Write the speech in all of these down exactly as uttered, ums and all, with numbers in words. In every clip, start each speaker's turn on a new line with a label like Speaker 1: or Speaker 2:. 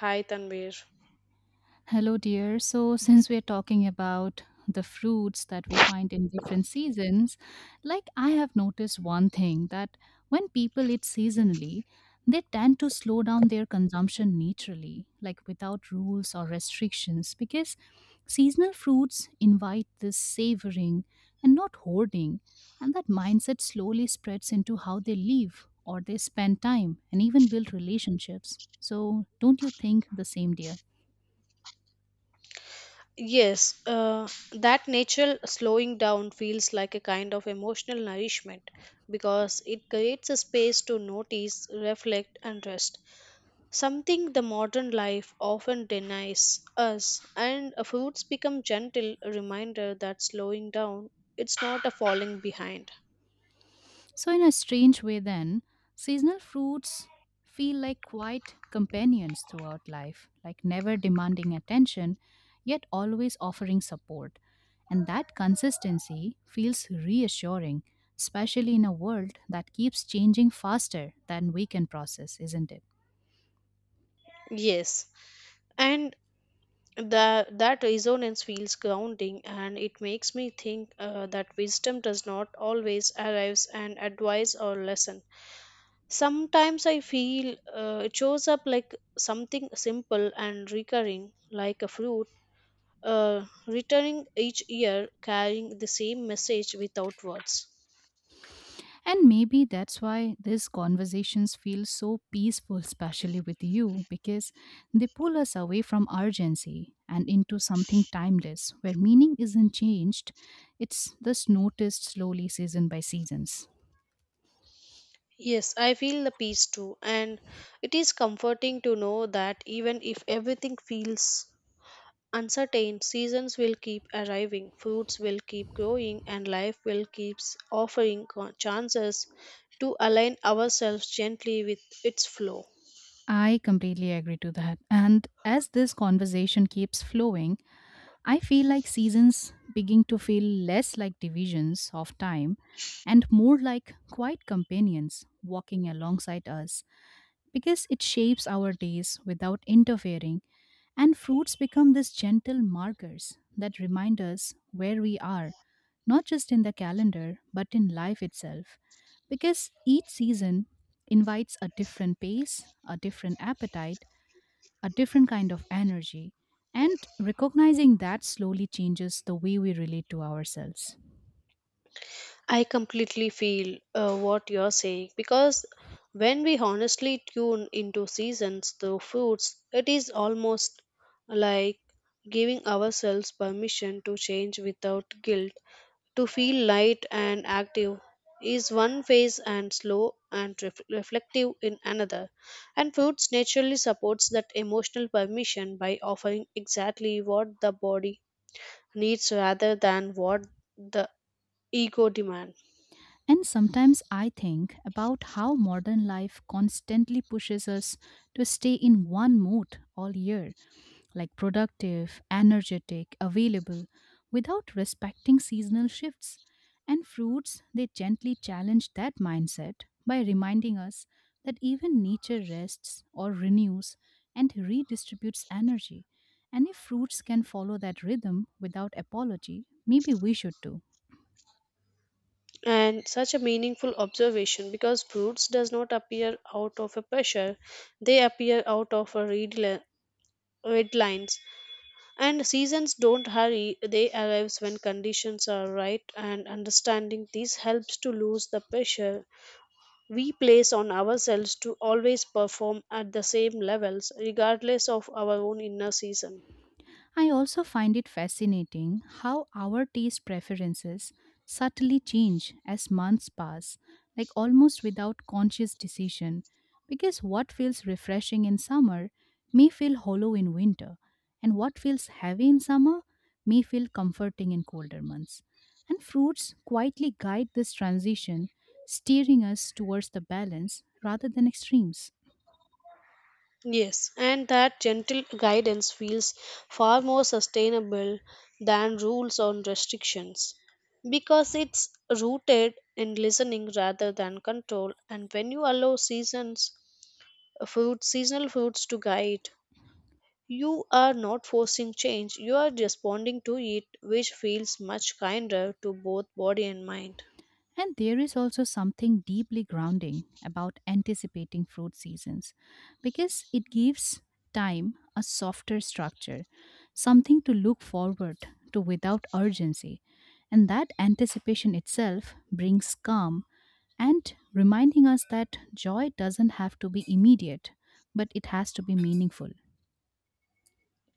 Speaker 1: Hi, Tanvir.
Speaker 2: Hello, dear. So, since we're talking about the fruits that we find in different seasons, like I have noticed one thing that when people eat seasonally, they tend to slow down their consumption naturally, like without rules or restrictions, because seasonal fruits invite this savoring and not hoarding, and that mindset slowly spreads into how they live or they spend time and even build relationships. So, don't you think the same, dear?
Speaker 1: Yes, uh, that natural slowing down feels like a kind of emotional nourishment because it creates a space to notice, reflect, and rest. Something the modern life often denies us, and uh, fruits become gentle reminder that slowing down it's not a falling behind.
Speaker 2: So, in a strange way, then, seasonal fruits feel like quiet companions throughout life, like never demanding attention, yet always offering support. And that consistency feels reassuring, especially in a world that keeps changing faster than we can process, isn't it?
Speaker 1: Yes, and that that resonance feels grounding and it makes me think uh, that wisdom does not always arrive an advice or lesson. Sometimes I feel uh, it shows up like something simple and recurring like a fruit, uh, returning each year carrying the same message without words.
Speaker 2: And maybe that's why these conversations feel so peaceful, especially with you, because they pull us away from urgency and into something timeless where meaning isn't changed, it's thus noticed slowly, season by seasons.
Speaker 1: Yes, I feel the peace too, and it is comforting to know that even if everything feels uncertain, seasons will keep arriving, fruits will keep growing, and life will keep offering co- chances to align ourselves gently with its flow.
Speaker 2: I completely agree to that. And as this conversation keeps flowing, I feel like seasons begin to feel less like divisions of time and more like quiet companions walking alongside us because it shapes our days without interfering, and fruits become these gentle markers that remind us where we are, not just in the calendar, but in life itself. Because each season invites a different pace, a different appetite, a different kind of energy, and recognizing that slowly changes the way we relate to ourselves.
Speaker 1: I completely feel uh, what you're saying because when we honestly tune into seasons through foods, it is almost like giving ourselves permission to change without guilt. To feel light and active is one phase, and slow and ref- reflective in another. And foods naturally supports that emotional permission by offering exactly what the body needs rather than what the ego demands.
Speaker 2: And sometimes I think about how modern life constantly pushes us to stay in one mood all year, like productive, energetic, available, without respecting seasonal shifts. And fruits, they gently challenge that mindset by reminding us that even nature rests or renews and redistributes energy. And if fruits can follow that rhythm without apology, maybe we should too.
Speaker 1: And such a meaningful observation because fruits does not appear out of a pressure, they appear out of a red, li- red lines. And seasons don't hurry, they arrives when conditions are right, and understanding this helps to lose the pressure we place on ourselves to always perform at the same levels regardless of our own inner season.
Speaker 2: I also find it fascinating how our taste preferences subtly change as months pass, like almost without conscious decision, because what feels refreshing in summer may feel hollow in winter, and what feels heavy in summer may feel comforting in colder months. And fruits quietly guide this transition, steering us towards the balance rather than extremes.
Speaker 1: Yes, and that gentle guidance feels far more sustainable than rules or restrictions because it's rooted in listening rather than control. And when you allow seasons, fruit, seasonal fruits to guide, you are not forcing change, you are responding to it, which feels much kinder to both body and mind.
Speaker 2: And there is also something deeply grounding about anticipating fruit seasons because it gives time a softer structure, something to look forward to without urgency. And that anticipation itself brings calm and reminding us that joy doesn't have to be immediate, but it has to be meaningful.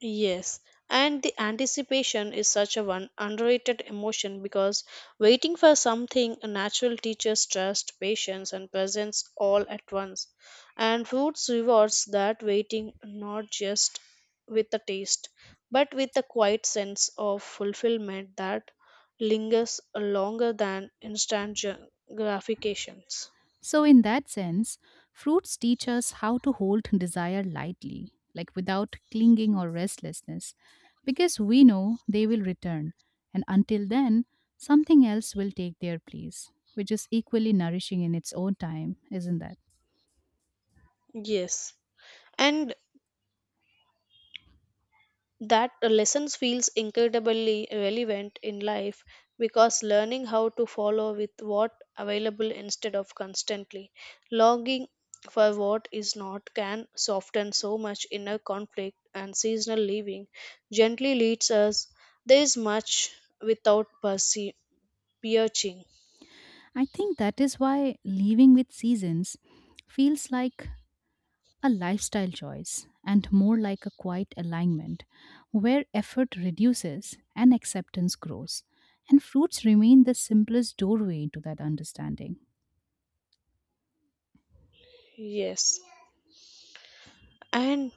Speaker 1: Yes, and the anticipation is such a one underrated emotion because waiting for something natural teaches trust, patience, and presence all at once. And foods rewards that waiting not just with the taste, but with a quiet sense of fulfillment that lingers longer than instant gra- gratifications.
Speaker 2: So, in that sense, fruits teach us how to hold desire lightly, like without clinging or restlessness, because we know they will return, and until then, something else will take their place, which is equally nourishing in its own time, isn't that?
Speaker 1: Yes. And that lessons feels incredibly relevant in life because learning how to follow with what available instead of constantly longing for what is not can soften so much inner conflict, and seasonal living gently leads us there is much without perce- piercing.
Speaker 2: I think that is why living with seasons feels like a lifestyle choice and more like a quiet alignment where effort reduces and acceptance grows. And fruits remain the simplest doorway into that understanding.
Speaker 1: Yes, and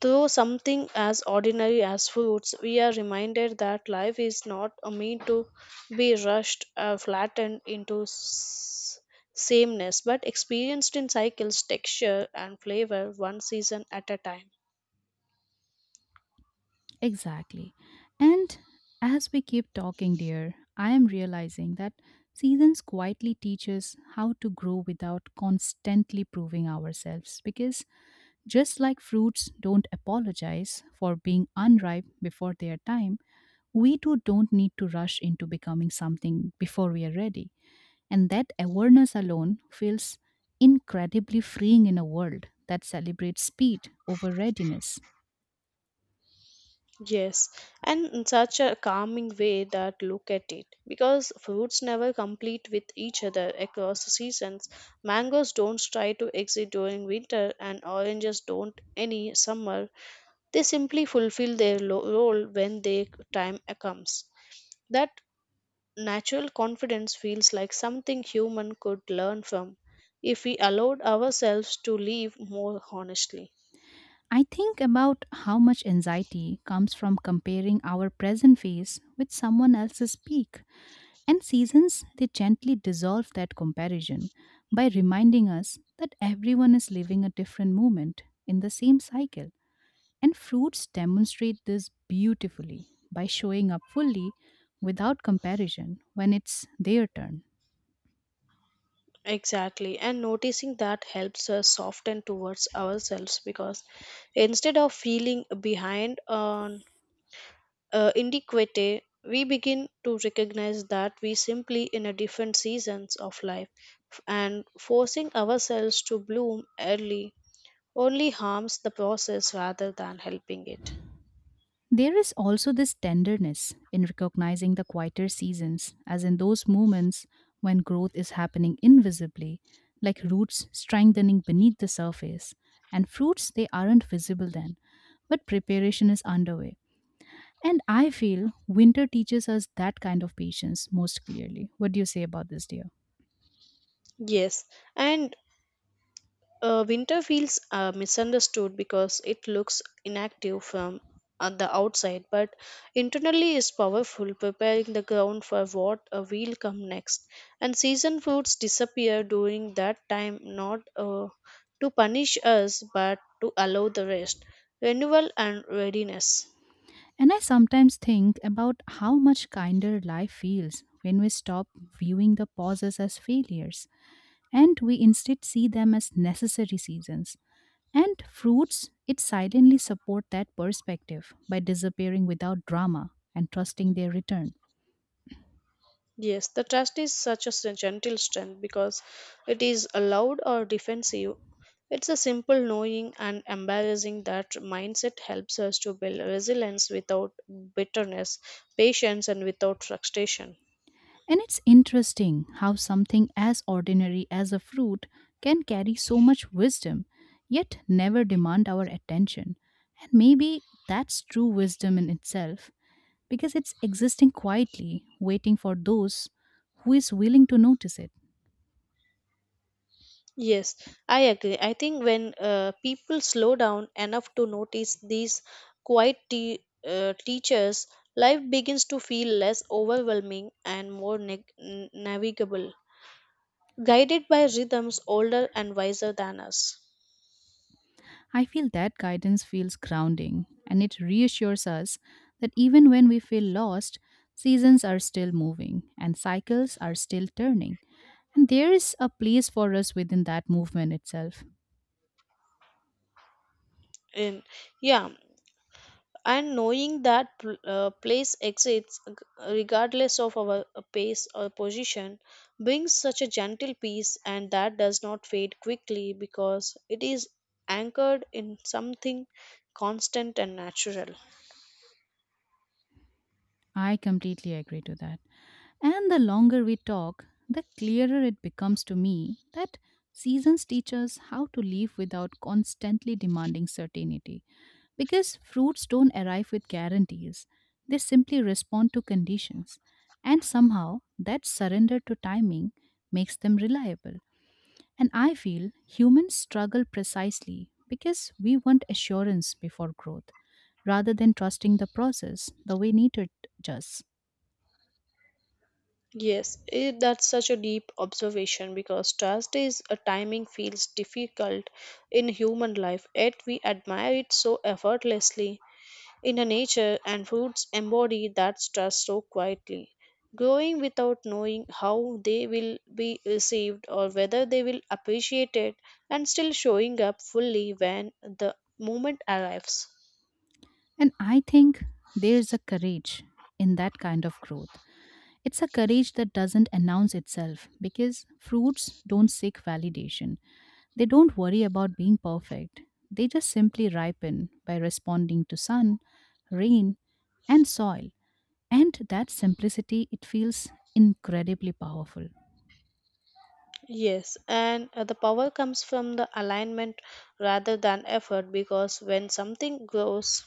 Speaker 1: through something as ordinary as foods, we are reminded that life is not a meant to be rushed or flattened into s- sameness, but experienced in cycles, texture, and flavor, one season at a time.
Speaker 2: Exactly. And as we keep talking, dear, I am realizing that seasons quietly teach us how to grow without constantly proving ourselves because just like fruits don't apologize for being unripe before their time, we too don't need to rush into becoming something before we are ready. And that awareness alone feels incredibly freeing in a world that celebrates speed over readiness.
Speaker 1: Yes, and in such a calming way that look at it. Because fruits never complete with each other across the seasons. Mangoes don't try to exit during winter, and oranges don't any summer. They simply fulfill their lo- role when their time comes. That natural confidence feels like something human could learn from if we allowed ourselves to live more honestly.
Speaker 2: I think about how much anxiety comes from comparing our present phase with someone else's peak. And seasons, they gently dissolve that comparison by reminding us that everyone is living a different moment in the same cycle. And fruits demonstrate this beautifully by showing up fully without comparison when it's their turn.
Speaker 1: Exactly, and noticing that helps us soften towards ourselves because instead of feeling behind on uh, inadequate, we begin to recognize that we simply in a different seasons of life, and forcing ourselves to bloom early only harms the process rather than helping it.
Speaker 2: There is also this tenderness in recognizing the quieter seasons, as in those moments when growth is happening invisibly, like roots strengthening beneath the surface. And fruits, they aren't visible then, but preparation is underway. And I feel winter teaches us that kind of patience most clearly. What do you say about this, dear?
Speaker 1: Yes, and uh, winter feels uh, misunderstood because it looks inactive from uh, the outside, but internally is powerful, preparing the ground for what uh, will come next. And season fruits disappear during that time, not uh, to punish us, but to allow the rest, renewal, and readiness.
Speaker 2: And I sometimes think about how much kinder life feels when we stop viewing the pauses as failures and we instead see them as necessary seasons. And fruits, it silently support that perspective by disappearing without drama and trusting their return.
Speaker 1: Yes, the trust is such a s- gentle strength because it is allowed or defensive. It's a simple knowing, and embarrassing that mindset helps us to build resilience without bitterness, patience, and without frustration.
Speaker 2: And it's interesting how something as ordinary as a fruit can carry so much wisdom, yet never demand our attention. And maybe that's true wisdom in itself because it's existing quietly, waiting for those who is willing to notice it.
Speaker 1: Yes, I agree. I think when uh, people slow down enough to notice these quiet te- uh, teachers, life begins to feel less overwhelming and more neg- n- navigable, guided by rhythms older and wiser than us.
Speaker 2: I feel that guidance feels grounding and it reassures us that even when we feel lost, seasons are still moving and cycles are still turning. And there is a place for us within that movement itself.
Speaker 1: In yeah, and knowing that pl- uh, place exists g- regardless of our uh, pace or position brings such a gentle peace, and that does not fade quickly because it is anchored in something constant and natural.
Speaker 2: I completely agree to that. And the longer we talk, the clearer it becomes to me that seasons teach us how to live without constantly demanding certainty. Because fruits don't arrive with guarantees, they simply respond to conditions. And somehow, that surrender to timing makes them reliable. And I feel humans struggle precisely because we want assurance before growth rather than trusting the process the way nature does.
Speaker 1: Yes it, that's such a deep observation because trust is a timing feels difficult in human life, yet we admire it so effortlessly in the nature, and fruits embody that trust so quietly, growing without knowing how they will be received or whether they will appreciate it, and still showing up fully when the moment arrives.
Speaker 2: And I think there's a courage in that kind of growth. It's a courage that doesn't announce itself because fruits don't seek validation. They don't worry about being perfect. They just simply ripen by responding to sun, rain, and soil. And that simplicity, it feels incredibly powerful.
Speaker 1: Yes, and uh, the power comes from the alignment rather than effort, because when something grows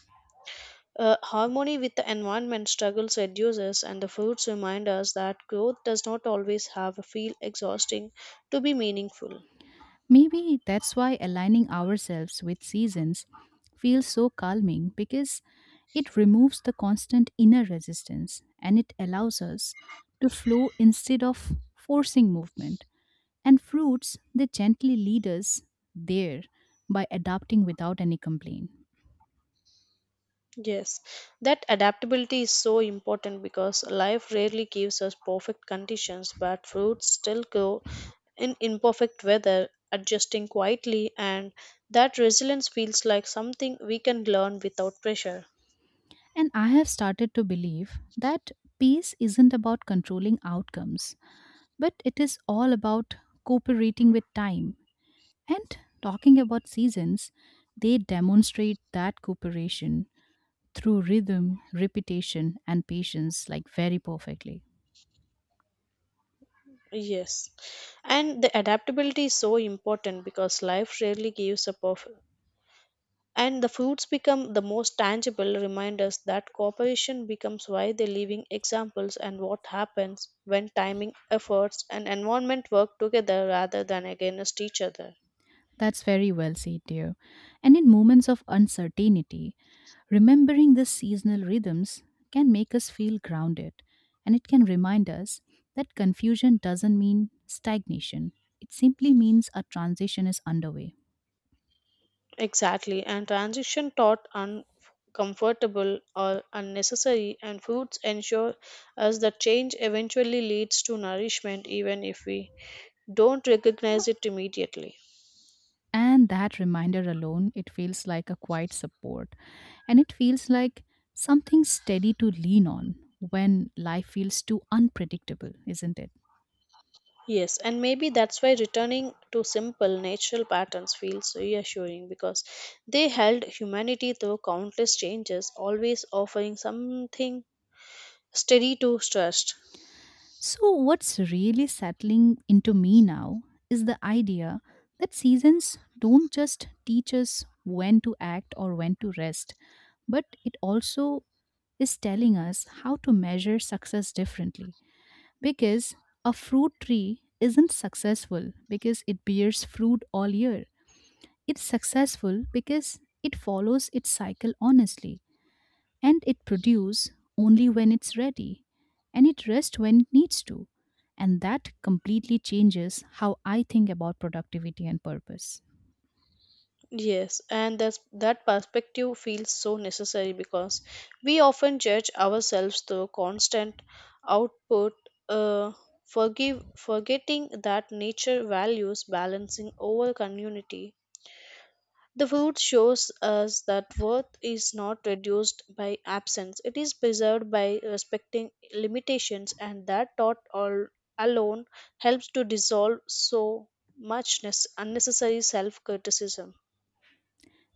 Speaker 1: uh, harmony with the environment, struggles reduces, and the fruits remind us that growth does not always have a feel exhausting to be meaningful.
Speaker 2: Maybe that's why aligning ourselves with seasons feels so calming because it removes the constant inner resistance and it allows us to flow instead of forcing movement. And fruits, they gently lead us there by adapting without any complaint.
Speaker 1: Yes, that adaptability is so important because life rarely gives us perfect conditions, but fruits still grow in imperfect weather, adjusting quietly, and that resilience feels like something we can learn without pressure.
Speaker 2: And I have started to believe that peace isn't about controlling outcomes, but it is all about cooperating with time. And talking about seasons, they demonstrate that cooperation through rhythm, repetition, and patience, like very perfectly.
Speaker 1: Yes, and the adaptability is so important because life rarely gives a perfect, and the fruits become the most tangible reminders that cooperation becomes why they living examples, and what happens when timing, efforts, and environment work together rather than against each other.
Speaker 2: That's very well said, dear. And in moments of uncertainty, remembering the seasonal rhythms can make us feel grounded and it can remind us that confusion doesn't mean stagnation. It simply means a transition is underway.
Speaker 1: Exactly, and transition taught uncomfortable or unnecessary, and fruits ensure us that change eventually leads to nourishment even if we don't recognize it immediately.
Speaker 2: And that reminder alone, it feels like a quiet support and it feels like something steady to lean on when life feels too unpredictable, isn't it?
Speaker 1: Yes, and maybe that's why returning to simple natural patterns feels reassuring because they held humanity through countless changes, always offering something steady to trust.
Speaker 2: So, what's really settling into me now is the idea that seasons don't just teach us when to act or when to rest, but it also is telling us how to measure success differently. Because a fruit tree isn't successful because it bears fruit all year, it's successful because it follows its cycle honestly and it produces only when it's ready and it rests when it needs to, and that completely changes how I think about productivity and purpose.
Speaker 1: Yes, and that's, that perspective feels so necessary because we often judge ourselves through constant output, uh, forgive, forgetting that nature values balancing over community. The food shows us that worth is not reduced by absence, it is preserved by respecting limitations, and that thought all alone helps to dissolve so much nes- unnecessary self criticism.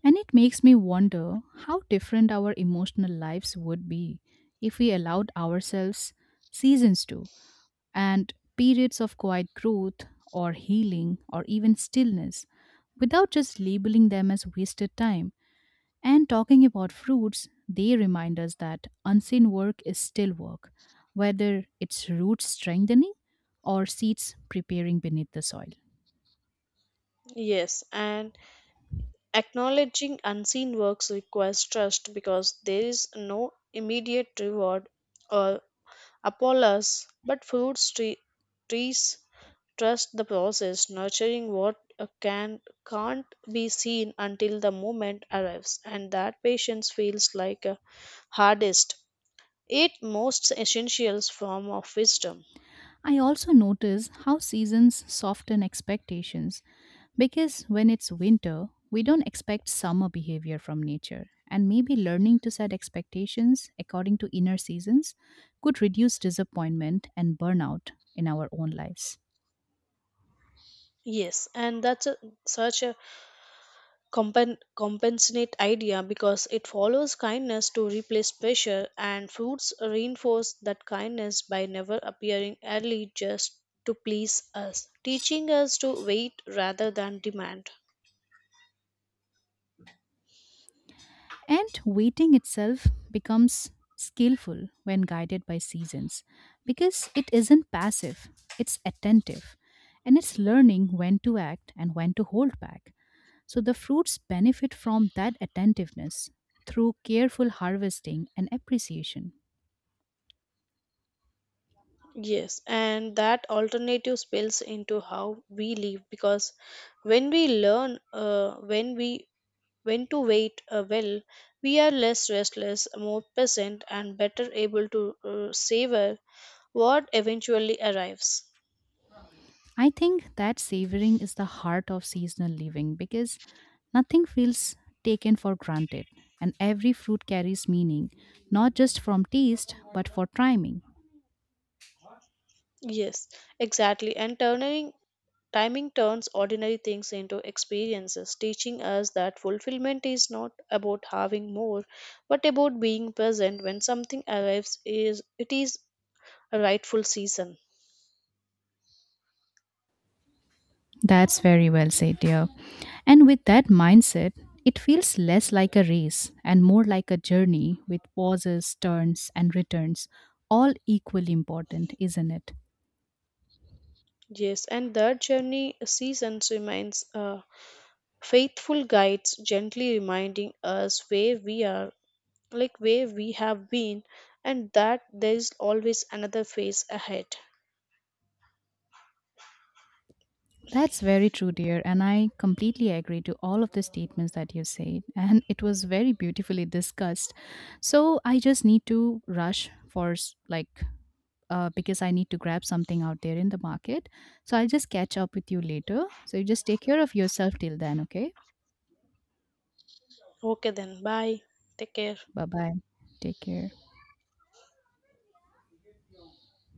Speaker 2: And it makes me wonder how different our emotional lives would be if we allowed ourselves seasons to, and periods of quiet growth or healing or even stillness without just labeling them as wasted time. And talking about fruits, they remind us that unseen work is still work, whether it's roots strengthening or seeds preparing beneath the soil.
Speaker 1: Yes, and acknowledging unseen works requires trust because there is no immediate reward or Apollos, but food stre- trees trust the process, nurturing what uh, can can't be seen until the moment arrives, and that patience feels like a hardest. It most essentials form of wisdom.
Speaker 2: I also notice how seasons soften expectations because when it's winter, we don't expect summer behavior from nature. And maybe learning to set expectations according to inner seasons could reduce disappointment and burnout in our own lives.
Speaker 1: Yes, and that's a, such a compen- compensate idea because it follows kindness to replace pressure, and fruits reinforce that kindness by never appearing early just to please us, teaching us to wait rather than demand.
Speaker 2: And waiting itself becomes skillful when guided by seasons because it isn't passive, it's attentive and it's learning when to act and when to hold back. So the fruits benefit from that attentiveness through careful harvesting and appreciation.
Speaker 1: Yes, and that alternative spills into how we live, because when we learn uh, when we when to wait uh, well, we are less restless, more present, and better able to uh, savor what eventually arrives.
Speaker 2: I think that savoring is the heart of seasonal living because nothing feels taken for granted and every fruit carries meaning, not just from taste but for timing.
Speaker 1: Yes, exactly. And turning timing turns ordinary things into experiences, teaching us that fulfillment is not about having more, but about being present when something arrives is it is a rightful season.
Speaker 2: That's very well said, dear. And with that mindset, it feels less like a race and more like a journey with pauses, turns, and returns, all equally important, isn't it?
Speaker 1: Yes, and that journey seasons remains uh, faithful guides, gently reminding us where we are, like where we have been, and that there is always another phase ahead.
Speaker 2: That's very true, dear. And I completely agree to all of the statements that you said. And it was very beautifully discussed. So I just need to rush for s- like, uh, because I need to grab something out there in the market. So I'll just catch up with you later. So you just take care of yourself till then, okay?
Speaker 1: Okay then, bye. Take care.
Speaker 2: Bye bye. Take care.